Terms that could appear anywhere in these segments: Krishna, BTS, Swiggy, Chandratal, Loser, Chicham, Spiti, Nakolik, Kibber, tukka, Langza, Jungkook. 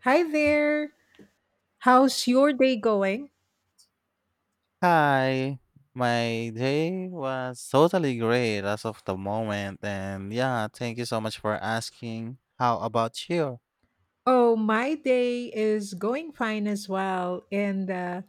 Hi there. How's your day going? Hi, my day was totally great as of the moment, and yeah, thank you so much for asking. How about you? Oh, my day is going fine as well. And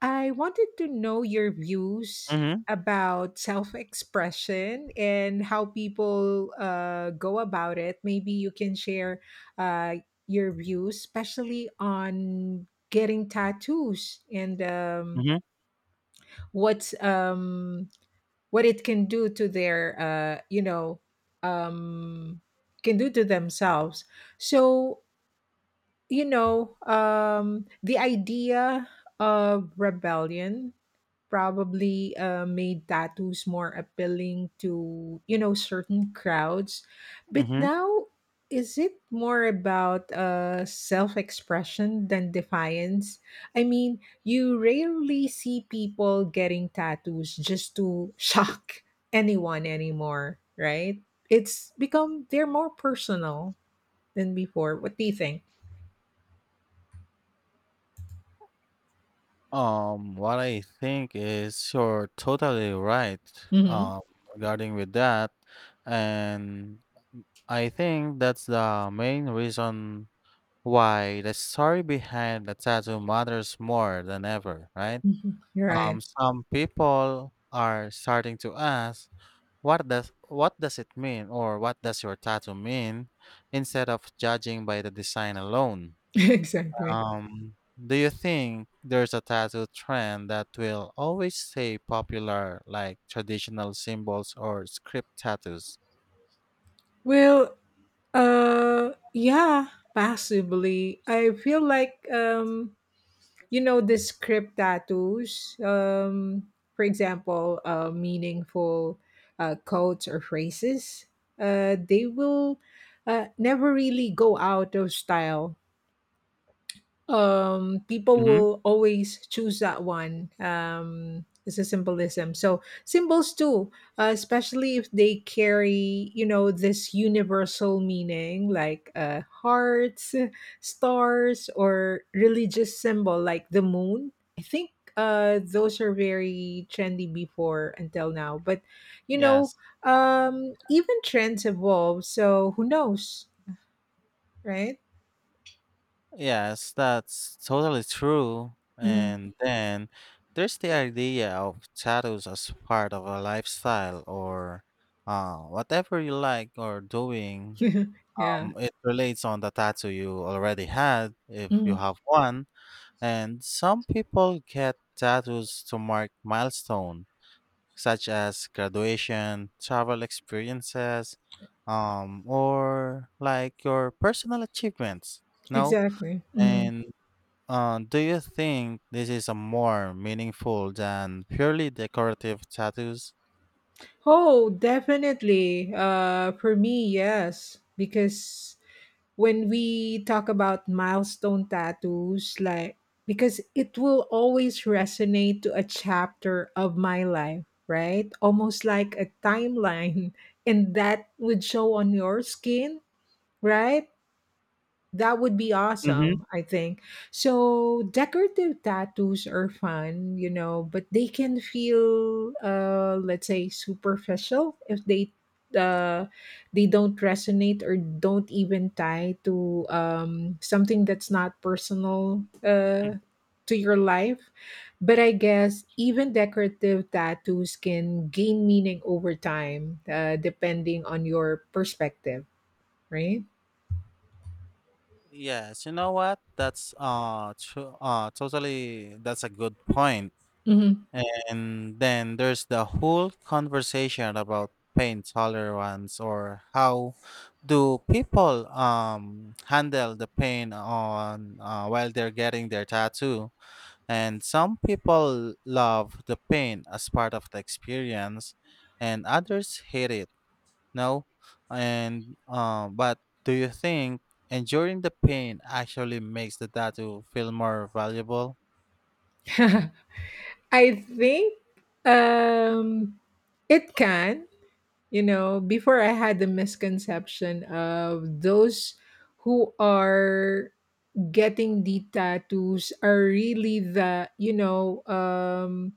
I wanted to know your views Mm-hmm. about self expression and how people go about it. Maybe you can share uh, your views, especially on getting tattoos and Mm-hmm. what's um, what it can do to their um can do to themselves. So the idea of rebellion probably made tattoos more appealing to certain crowds. But Mm-hmm. now, is it more about self-expression than defiance? I mean, you rarely see people getting tattoos just to shock anyone anymore, right? It's become, they're more personal than before. What do you think? What I think is you're totally right, Mm-hmm. um, regarding with that, and I think that's the main reason why the story behind the tattoo matters more than ever, right? Right. Some people are starting to ask. What does it mean or what does your tattoo mean instead of judging by the design alone? Exactly. Do you think there's a tattoo trend that will always stay popular like traditional symbols or script tattoos? Well, yeah, possibly. I feel like the script tattoos. For example, meaningful quotes or phrases. They will never really go out of style. People Hmm. will always choose that one. It's a symbolism, so symbols too, especially if they carry this universal meaning, like hearts, stars, or religious symbol like the moon. I think those are very trendy before until now, but you know Yes. Even trends evolve, so who knows, right? Yes, that's totally true. Mhm. And then there's the idea of tattoos as part of a lifestyle or whatever you like or doing. Yeah. It relates on the tattoo you already had, if you have one, and some people get tattoos to mark milestone, such as graduation, travel experiences, or like your personal achievements. No, Exactly. Mhm. and do you think this is a more meaningful than purely decorative tattoos? Oh, definitely. For me, yes, because when we talk about milestone tattoos, like, because it will always resonate to a chapter of my life, right? Almost like a timeline, and that would show on your skin, right? That would be Mm-hmm. awesome, I think. So, decorative tattoos are fun, but they can feel, let's say, superficial if uh, they don't resonate or don't even tie to something that's not personal, to your life. But I guess even decorative tattoos can gain meaning over time, depending on your perspective, right? Yes, you know what? Totally. That's a good point. Hmm. And then there's the whole conversation about pain tolerance or how do people handle the pain on while they're getting their tattoo. And some people love the pain as part of the experience, and others hate it. No, and but do you think enduring the pain actually makes the tattoo feel more valuable? I think um, it can. Before, I had the misconception of those who are getting the tattoos are really the, you know, um,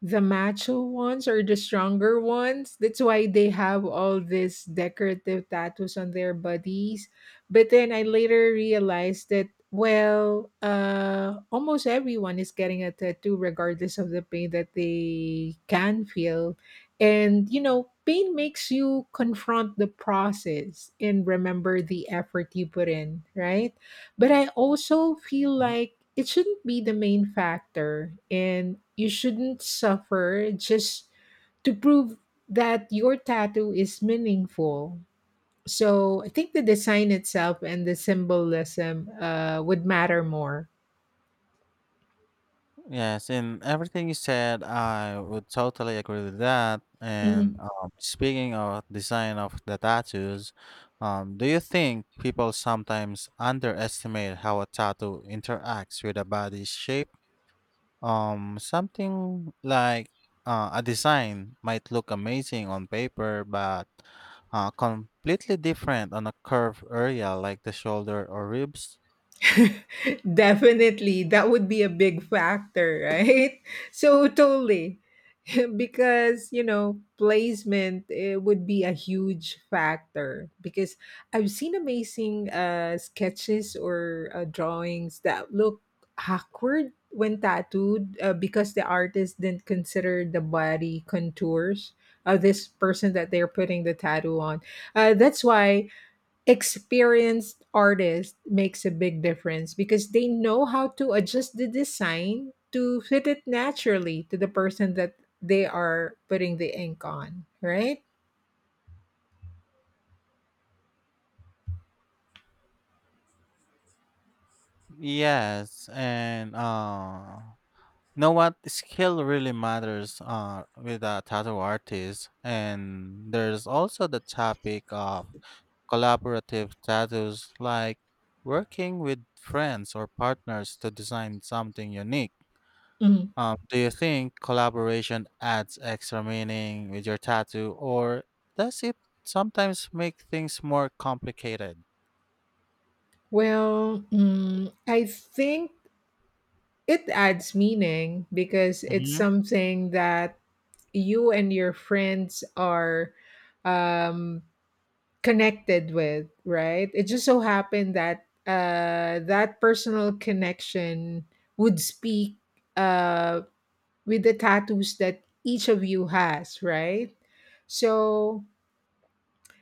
the macho ones, or the stronger ones. That's why they have all these decorative tattoos on their bodies. But then I later realized that, well, almost everyone is getting a tattoo regardless of the pain that they can feel. And pain makes you confront the process and remember the effort you put in, right? But I also feel like it shouldn't be the main factor, and you shouldn't suffer just to prove that your tattoo is meaningful. So I think the design itself and the symbolism would matter more. Yes, and everything you said, I would totally agree with that. And Mm-hmm. Speaking of design of the tattoos, do you think people sometimes underestimate how a tattoo interacts with a body's shape? Something like a design might look amazing on paper, but completely different on a curved area like the shoulder or ribs. Definitely, that would be a big factor, right? So totally. Because placement, it would be a huge factor, because I've seen amazing sketches or drawings that look awkward when tattooed, because the artist didn't consider the body contours of this person that they're putting the tattoo on, that's why experienced artist makes a big difference, because they know how to adjust the design to fit it naturally to the person that they are putting the ink on, right? Yes, and know what skill really matters with a tattoo artist, and there's also the topic of collaborative tattoos like working with friends or partners to design something unique. Mhm. Um, do you think collaboration adds extra meaning with your tattoo, or does it sometimes make things more complicated? Well, I think it adds meaning because it's Mm-hmm, something that you and your friends are um, connected with, right? It just so happened that that personal connection would speak, uh, with the tattoos that each of you has, right? So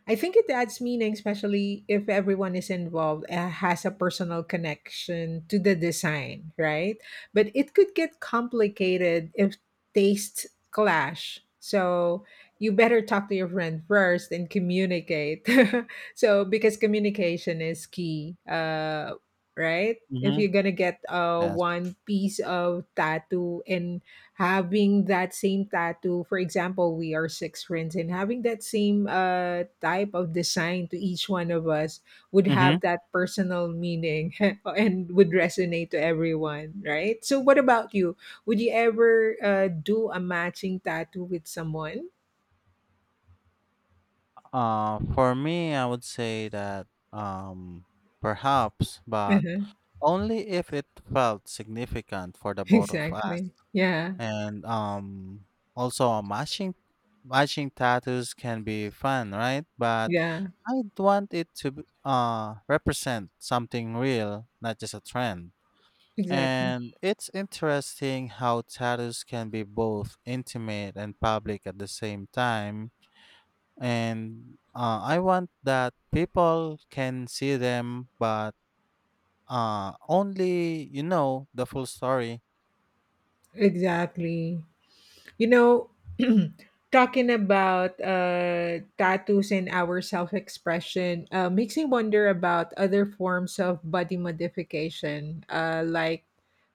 I think it adds meaning, especially if everyone is involved, has a personal connection to the design, right? But it could get complicated if tastes clash. So you better talk to your friend first and communicate. So, because communication is key, right? If mm-hmm. you're gonna get Yes. one piece of tattoo, and having that same tattoo, for example, we are six friends, and having that same type of design to each one of us, would Mm-hmm. have that personal meaning, and would resonate to everyone, right? So what about you, would you ever do a matching tattoo with someone? For me, I would say that perhaps, but Uh-huh. only if it felt significant for the both of us. Exactly. Yeah. And also, matching tattoos can be fun, right? But Yeah. I'd want it to represent something real, not just a trend. Exactly. And it's interesting how tattoos can be both intimate and public at the same time, and I want that people can see them, but only you know the full story. Exactly. You know, talking about tattoos and our self expression makes me wonder about other forms of body modification. Like,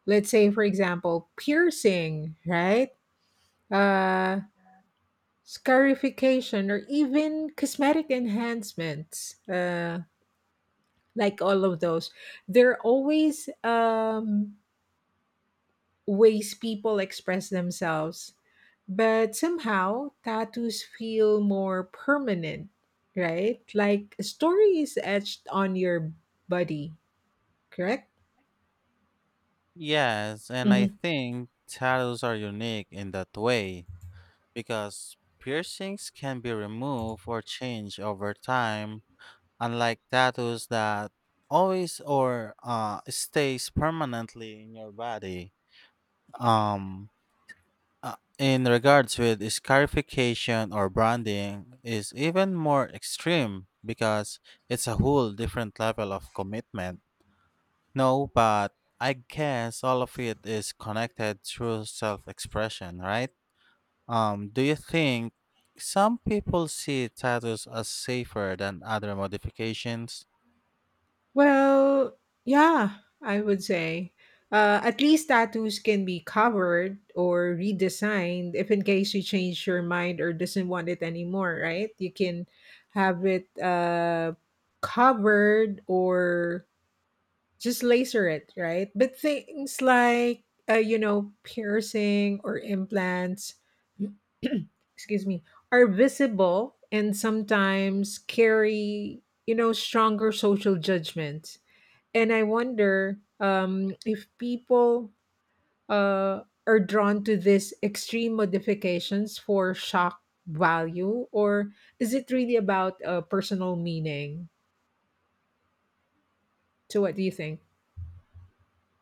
let's say, for example, piercing, right? Uh, Scarification, or even cosmetic enhancements. Like all of those, they're always ways people express themselves. But somehow, tattoos feel more permanent, right? Like a story is etched on your body, correct? Yes, and I Hmm. think tattoos are unique in that way because piercings can be removed or changed over time, unlike tattoos that always or stays permanently in your body. Um, Uh, in regards with scarification or branding is even more extreme because it's a whole different level of commitment. No, but I guess all of it is connected through self-expression, right? Do you think some people see tattoos as safer than other modifications? Well, yeah, I would say. At least tattoos can be covered or redesigned if in case you change your mind or doesn't want it anymore, right? You can have it covered, or just laser it, right? But things like piercing or implants, excuse me, are visible and sometimes carry stronger social judgment. And I wonder if people are drawn to these extreme modifications for shock value, or is it really about a personal meaning? So, what do you think?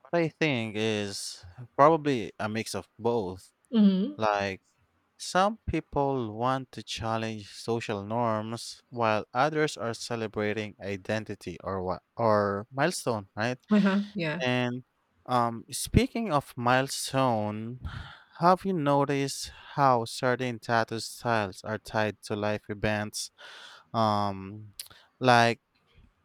What I think is probably a mix of both. Mm-hmm. Like, some people want to challenge social norms while others are celebrating identity or what or milestone, right? Uh huh. Yeah. And um, speaking of milestone, have you noticed how certain tattoo styles are tied to life events? Um, like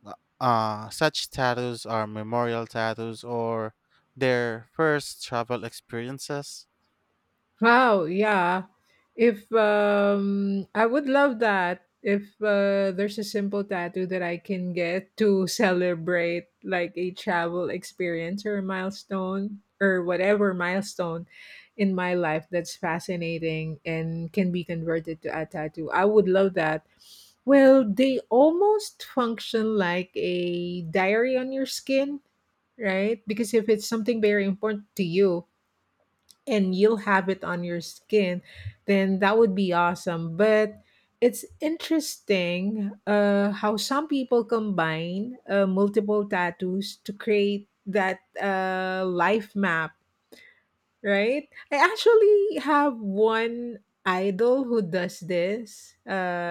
uh such tattoos are memorial tattoos or their first travel experiences. Wow, yeah. If I would love that, if there's a simple tattoo that I can get to celebrate, like, a travel experience or a milestone or whatever milestone in my life, that's fascinating and can be converted to a tattoo. I would love that. Well, they almost function like a diary on your skin, right? Because if it's something very important to you, and you'll have it on your skin, then that would be awesome. But it's interesting how some people combine multiple tattoos to create that life map, right? I actually have one idol who does this.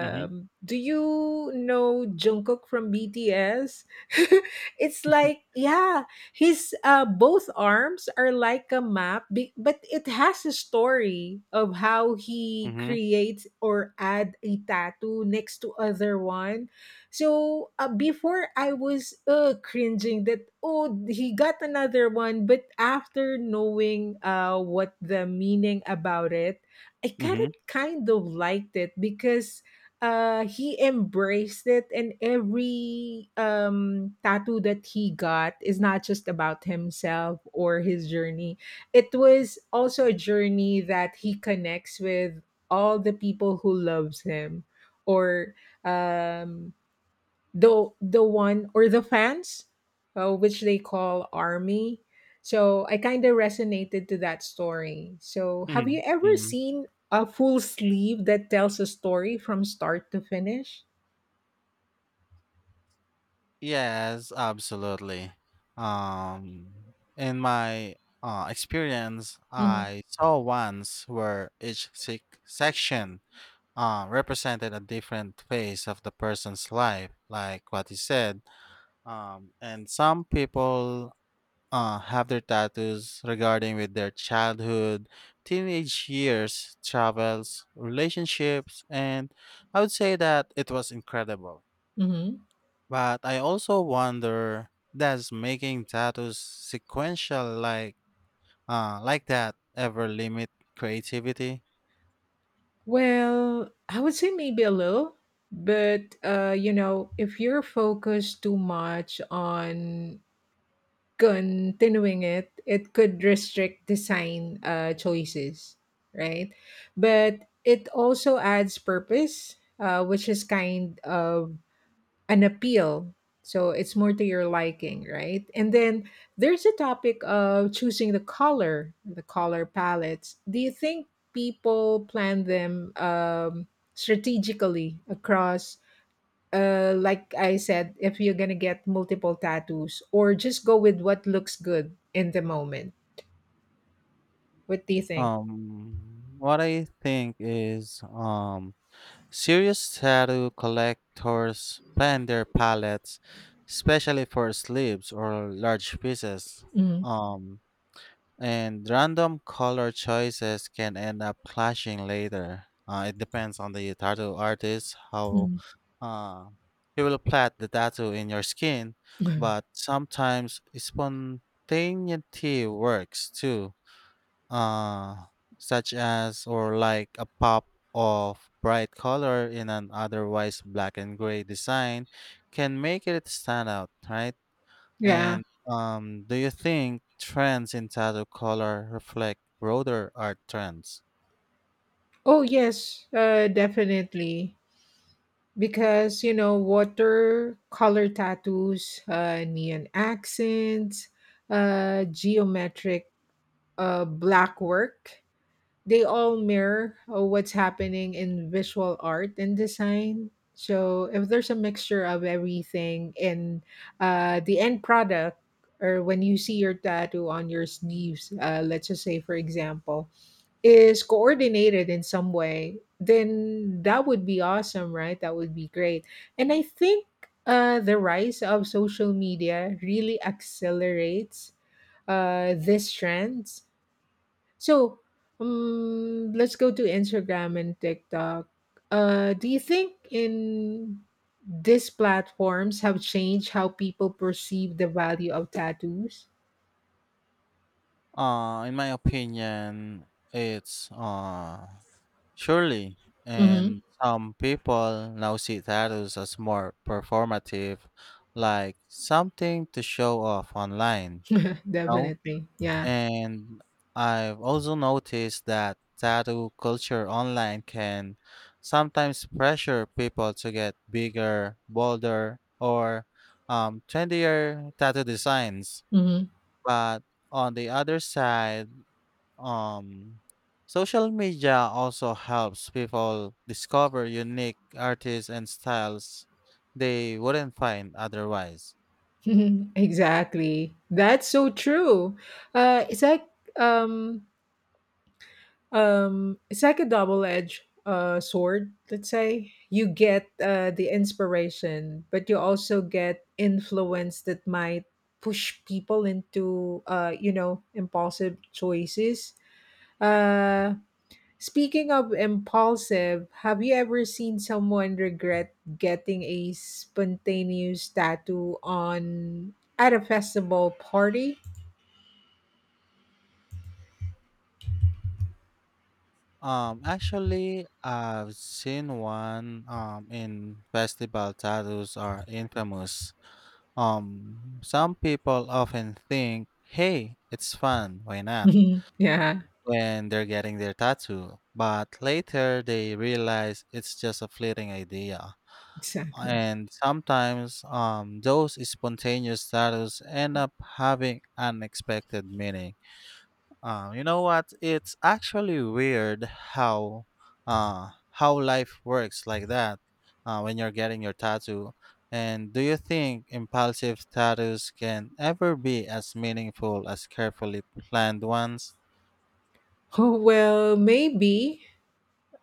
Mm-hmm. Do you know Jungkook from BTS? It's like, yeah, his both arms are like a map, but it has a story of how he Mm-hmm. creates or add a tattoo next to other one. So before, I was cringing that, oh, he got another one, but after knowing what the meaning about it, I kind Mm-hmm. of kind of liked it because he embraced it, and every tattoo that he got is not just about himself or his journey. It was also a journey that he connects with all the people who loves him, or um the one, or the fans, which they call army. So I kind of resonated to that story. So have Mm-hmm. you ever Mm-hmm. seen a full sleeve that tells a story from start to finish? Yes, absolutely. In my experience, Hmm. I saw once where each section represented a different phase of the person's life, like what you said. And some people have their tattoos regarding with their childhood, teenage years, travels, relationships, and I would say that it was incredible, Hmm. but I also wonder, does making tattoos sequential like like that ever limit creativity? Well, I would say maybe a little, but if you're focused too much on continuing it, it could restrict design choices, right? But it also adds purpose, which is kind of an appeal. So it's more to your liking, right? And then there's a topic of choosing the color palettes. Do you think people plan them strategically across, like I said, if you're gonna get multiple tattoos or just go with what looks good in the moment? What do you think? What I think is um, serious tattoo collectors plan their palettes, especially for sleeves or large pieces. Mm, Um, and random color choices can end up clashing later. It depends on the tattoo artist how mm, uh, he will plait the tattoo in your skin, mm. but sometimes spontaneity works too, uh, such as or like a pop of bright color in an otherwise black and gray design can make it stand out, right? Yeah. And do you think trends in tattoo color reflect broader art trends? Oh yes, definitely. Because water color tattoos, neon accents, geometric, black work, they all mirror what's happening in visual art and design. So if there's a mixture of everything in the end product, or when you see your tattoo on your sleeves, let's just say, for example, is coordinated in some way, then that would be awesome, right? That would be great. And I think the rise of social media really accelerates these trends. So, let's go to Instagram and TikTok. Do you think in these platforms have changed how people perceive the value of tattoos? In my opinion, it's surely. And Mm-hmm. some people now see tattoos as more performative, like something to show off online. No? Definitely. Yeah. And I've also noticed that tattoo culture online can sometimes pressure people to get bigger, bolder, or trendier tattoo designs. Mm-hmm. But on the other side, um, social media also helps people discover unique artists and styles they wouldn't find otherwise. Exactly. That's so true. Uh, it's like um, it's like a double-edged sword. Let's say you get the inspiration, but you also get influence that might push people into impulsive choices. uh Speaking of impulsive, have you ever seen someone regret getting a spontaneous tattoo on at a festival party? Actually, I've seen one um, in festival tattoos are infamous. Some people often think, "Hey, it's fun, why not?" Yeah, when they're getting their tattoo, but later they realize it's just a fleeting idea. exactly. And sometimes, those spontaneous tattoos end up having unexpected meaning. You know what? It's actually weird how how life works like that when you're getting your tattoo. And do you think impulsive tattoos can ever be as meaningful as carefully planned ones? Oh, well, maybe.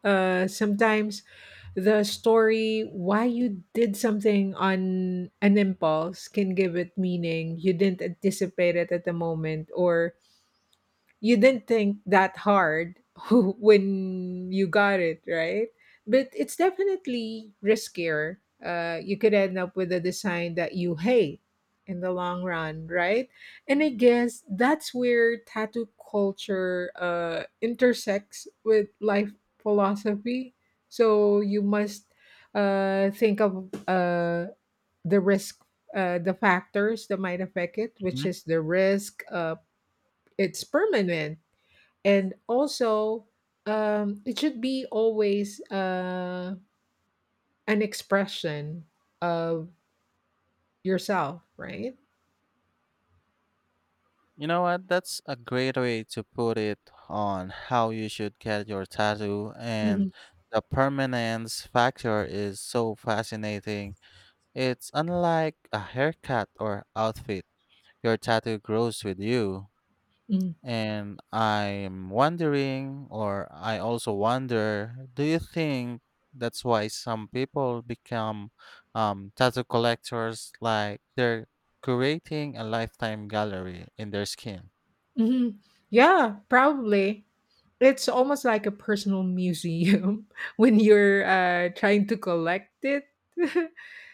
Sometimes the story why you did something on an impulse can give it meaning, you didn't anticipate it at the moment, or you didn't think that hard when you got it, right? But it's definitely riskier. You could end up with a design that you hate in the long run, right? And I guess that's where tattoo culture intersects with life philosophy. So you must think of the risk, the factors that might affect it, which Mhm. is the risk, it's permanent, and also it should be always an expression of yourself, right? You know what? That's a great way to put it on how you should get your tattoo. And Mhm. the permanence factor is so fascinating. It's unlike a haircut or outfit. Your tattoo grows with you. And I'm wondering, or I also wonder, do you think that's why some people become tattoo collectors, like they're curating a lifetime gallery in their skin? Mhm. Yeah, probably. It's almost like a personal museum when you're trying to collect it.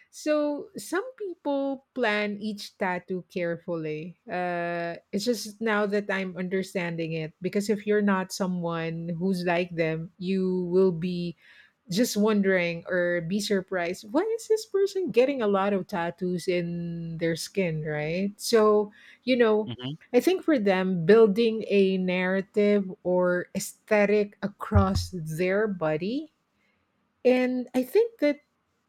So some people plan each tattoo carefully. It's just now that I'm understanding it, because if you're not someone who's like them, you will be just wondering or be surprised why is this person getting a lot of tattoos in their skin, right? So, you know Hmm. I think for them, building a narrative or aesthetic across their body, and I think that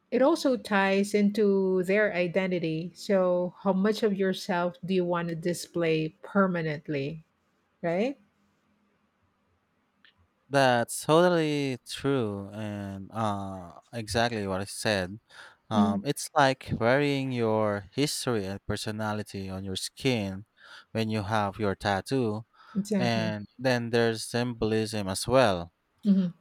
it also ties into their identity. So how much of yourself do you want to display permanently, right? That's totally true, and exactly what I said. Mhm. It's like wearing your history and personality on your skin when you have your tattoo. Exactly. And then there's symbolism as well. Hmm.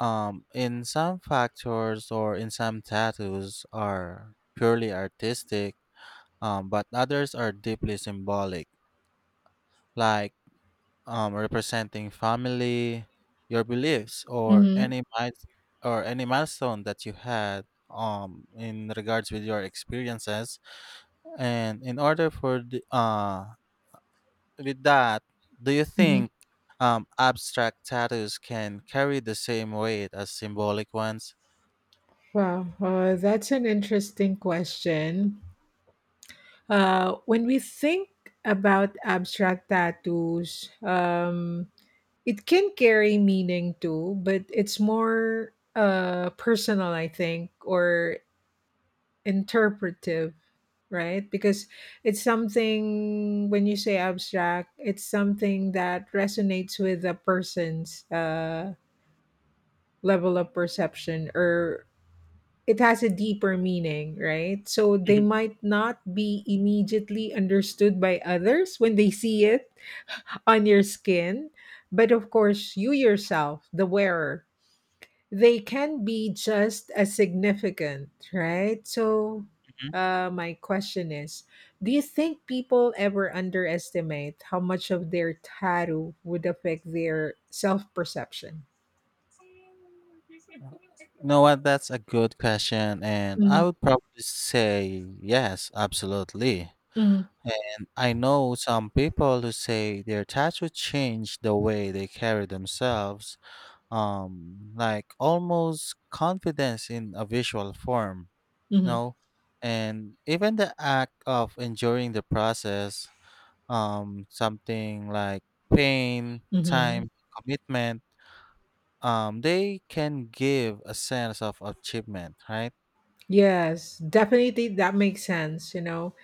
In some factors or in some tattoos are purely artistic, but others are deeply symbolic, like representing family, your beliefs, or Hmm. Or any milestone that you had um, in regards with your experiences. And in order for the uh, with that, do you think abstract tattoos can carry the same weight as symbolic ones? Wow, that's an interesting question. When we think about abstract tattoos, it can carry meaning too, but it's more personal, I think, or interpretive, right? Because it's something, when you say abstract, it's something that resonates with a person's level of perception, or it has a deeper meaning, right? So they Mhm, might not be immediately understood by others when they see it on your skin, but of course, you yourself, the wearer, they can be just as significant, right? So, mhm. My question is, do you think people ever underestimate how much of their tattoo would affect their self perception? You know what? That's a good question. And I Mm-hmm. would probably say yes, absolutely. And I know some people who say their tattoo changed the way they carry themselves, like almost confidence in a visual form, Mm-hmm. no? And even the act of enduring the process something like pain, Mm-hmm. time, commitment, they can give a sense of achievement, right? Yes, definitely that makes sense, you know.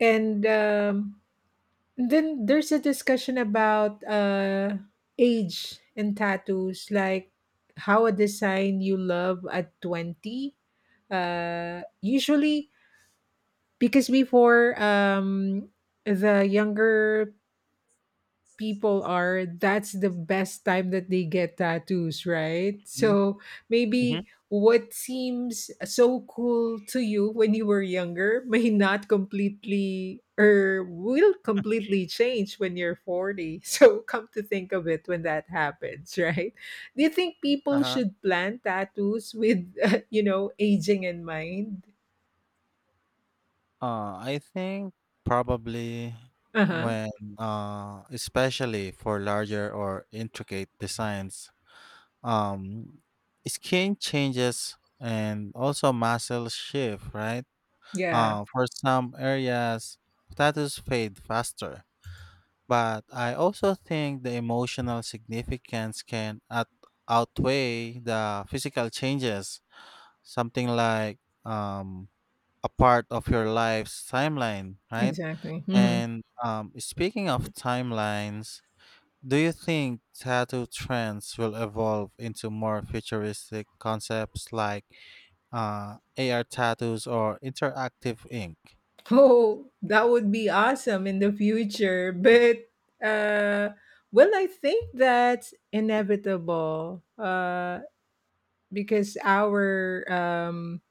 And then there's a discussion about age and tattoos, like how a design you love at 20. Usually, because before the younger people are, that's the best time that they get tattoos, right? Mhm, So mhm. maybe what seems so cool to you when you were younger may not completely or will completely change when you're 40. So come to think of it when that happens, right? Do you think people Uh-huh. should plan tattoos with, aging in mind? I think probably Uh huh. when mm, uh, especially for larger or intricate designs, um, skin changes and also muscle shift, right? Yeah, For some areas, tattoos fade faster, but I also think the emotional significance can outweigh the physical changes. Something like um, a part of your life's timeline, right? exactly. Mhm. And speaking of timelines, do you think tattoo trends will evolve into more futuristic concepts like AR tattoos or interactive ink? Oh, that would be awesome in the future. But uh well, I think that's inevitable. Because our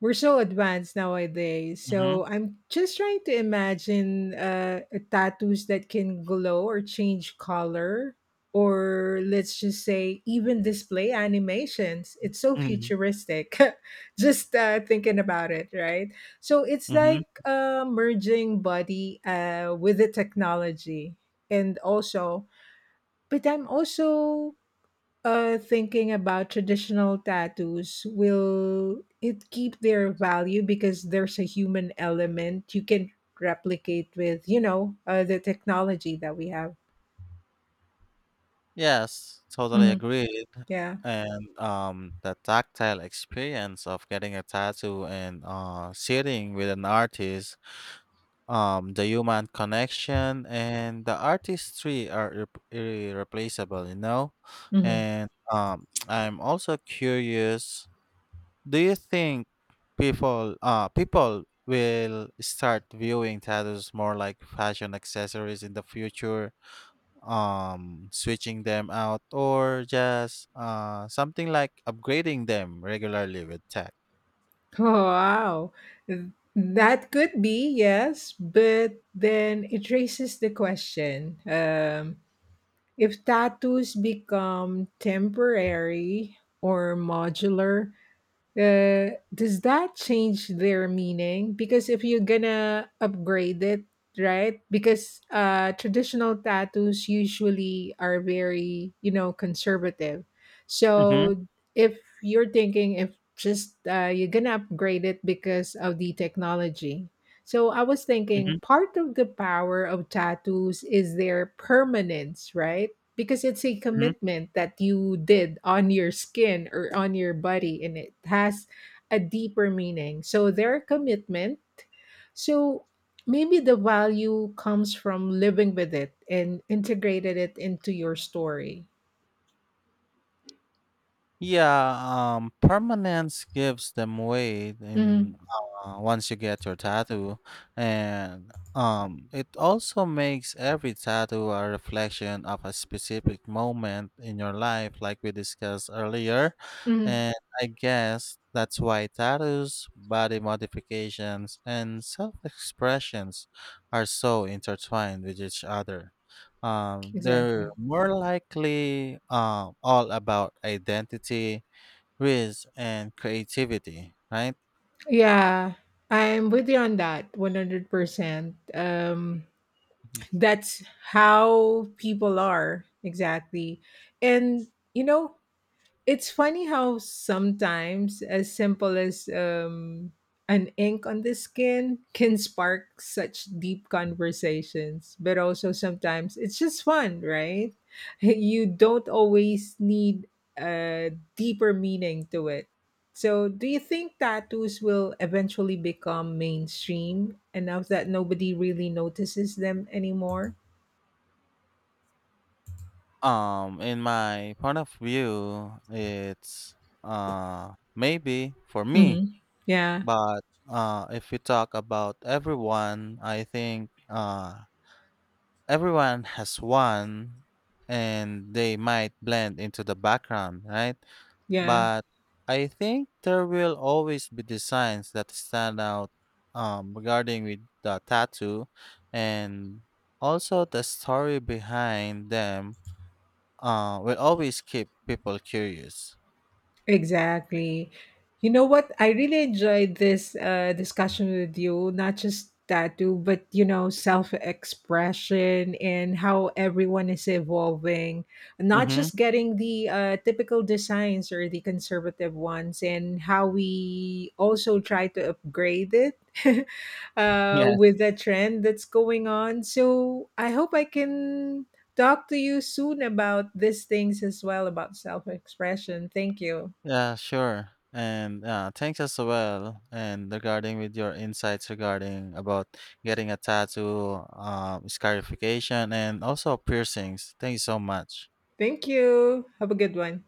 we're so advanced nowadays. Mm-hmm. So I'm just trying to imagine tattoos that can glow or change color, or let's just say even display animations. It's so futuristic. Just thinking about it, right? So it's Mm-hmm. like merging body with the technology, and also, but I'm also thinking about traditional tattoos, will it keep their value because there's a human element you can replicate with, you know, the technology that we have? Yes, totally Hmm. agree. Yeah. And the tactile experience of getting a tattoo and sitting with an artist, the human connection and the artistry are irreplaceable, you know? Hmm. And I'm also curious, do you think people will start viewing tattoos more like fashion accessories in the future? Um, switching them out or just uh, something like upgrading them regularly with tech. Oh, wow. That could be, yes, but then it raises the question, if tattoos become temporary or modular, does that change their meaning? Because if you're gonna upgrade it, right? Because traditional tattoos usually are very, you know, conservative. Mm-hmm. So if you're thinking if just you're gonna upgrade it because of the technology. So I was thinking Mm-hmm. part of the power of tattoos is their permanence, right? Because it's a commitment that you did on your skin or on your body, and it has a deeper meaning, so their commitment, so maybe the value comes from living with it and integrated it into your story. Yeah, permanence gives them weight in Hmm. Once you get your tattoo, and it also makes every tattoo a reflection of a specific moment in your life, like we discussed earlier. Hmm. And I guess that's why tattoos, body modifications, and self expressions are so intertwined with each other. They're Exactly. more likely all about identity, risk, and creativity, right? Yeah, I'm with you on that 100%. um Mhm. that's how people are, exactly. And, you know, it's funny how sometimes as simple as an ink on the skin can spark such deep conversations, but also sometimes it's just fun, right? You don't always need a deeper meaning to it. So, do you think tattoos will eventually become mainstream enough that nobody really notices them anymore? In my point of view, it's uh, maybe for me, Hmm. Yeah, but uh, if we talk about everyone, I think uh, everyone has one and they might blend into the background, right? yeah. But I think there will always be designs that stand out regarding with the tattoo and also the story behind them will always keep people curious. Exactly. You know what? I really enjoyed this discussion with you, not just tattoo, but you know, self expression and how everyone is evolving, not Mm-hmm. just getting the typical designs or the conservative ones, and how we also try to upgrade it Yes. with the trend that's going on. So I hope I can talk to you soon about these things as well about self expression. Thank you. Yeah, sure. And thanks as well. And regarding with your insights regarding about getting a tattoo, scarification, and also piercings. Thank you so much. Thank you. Have a good one.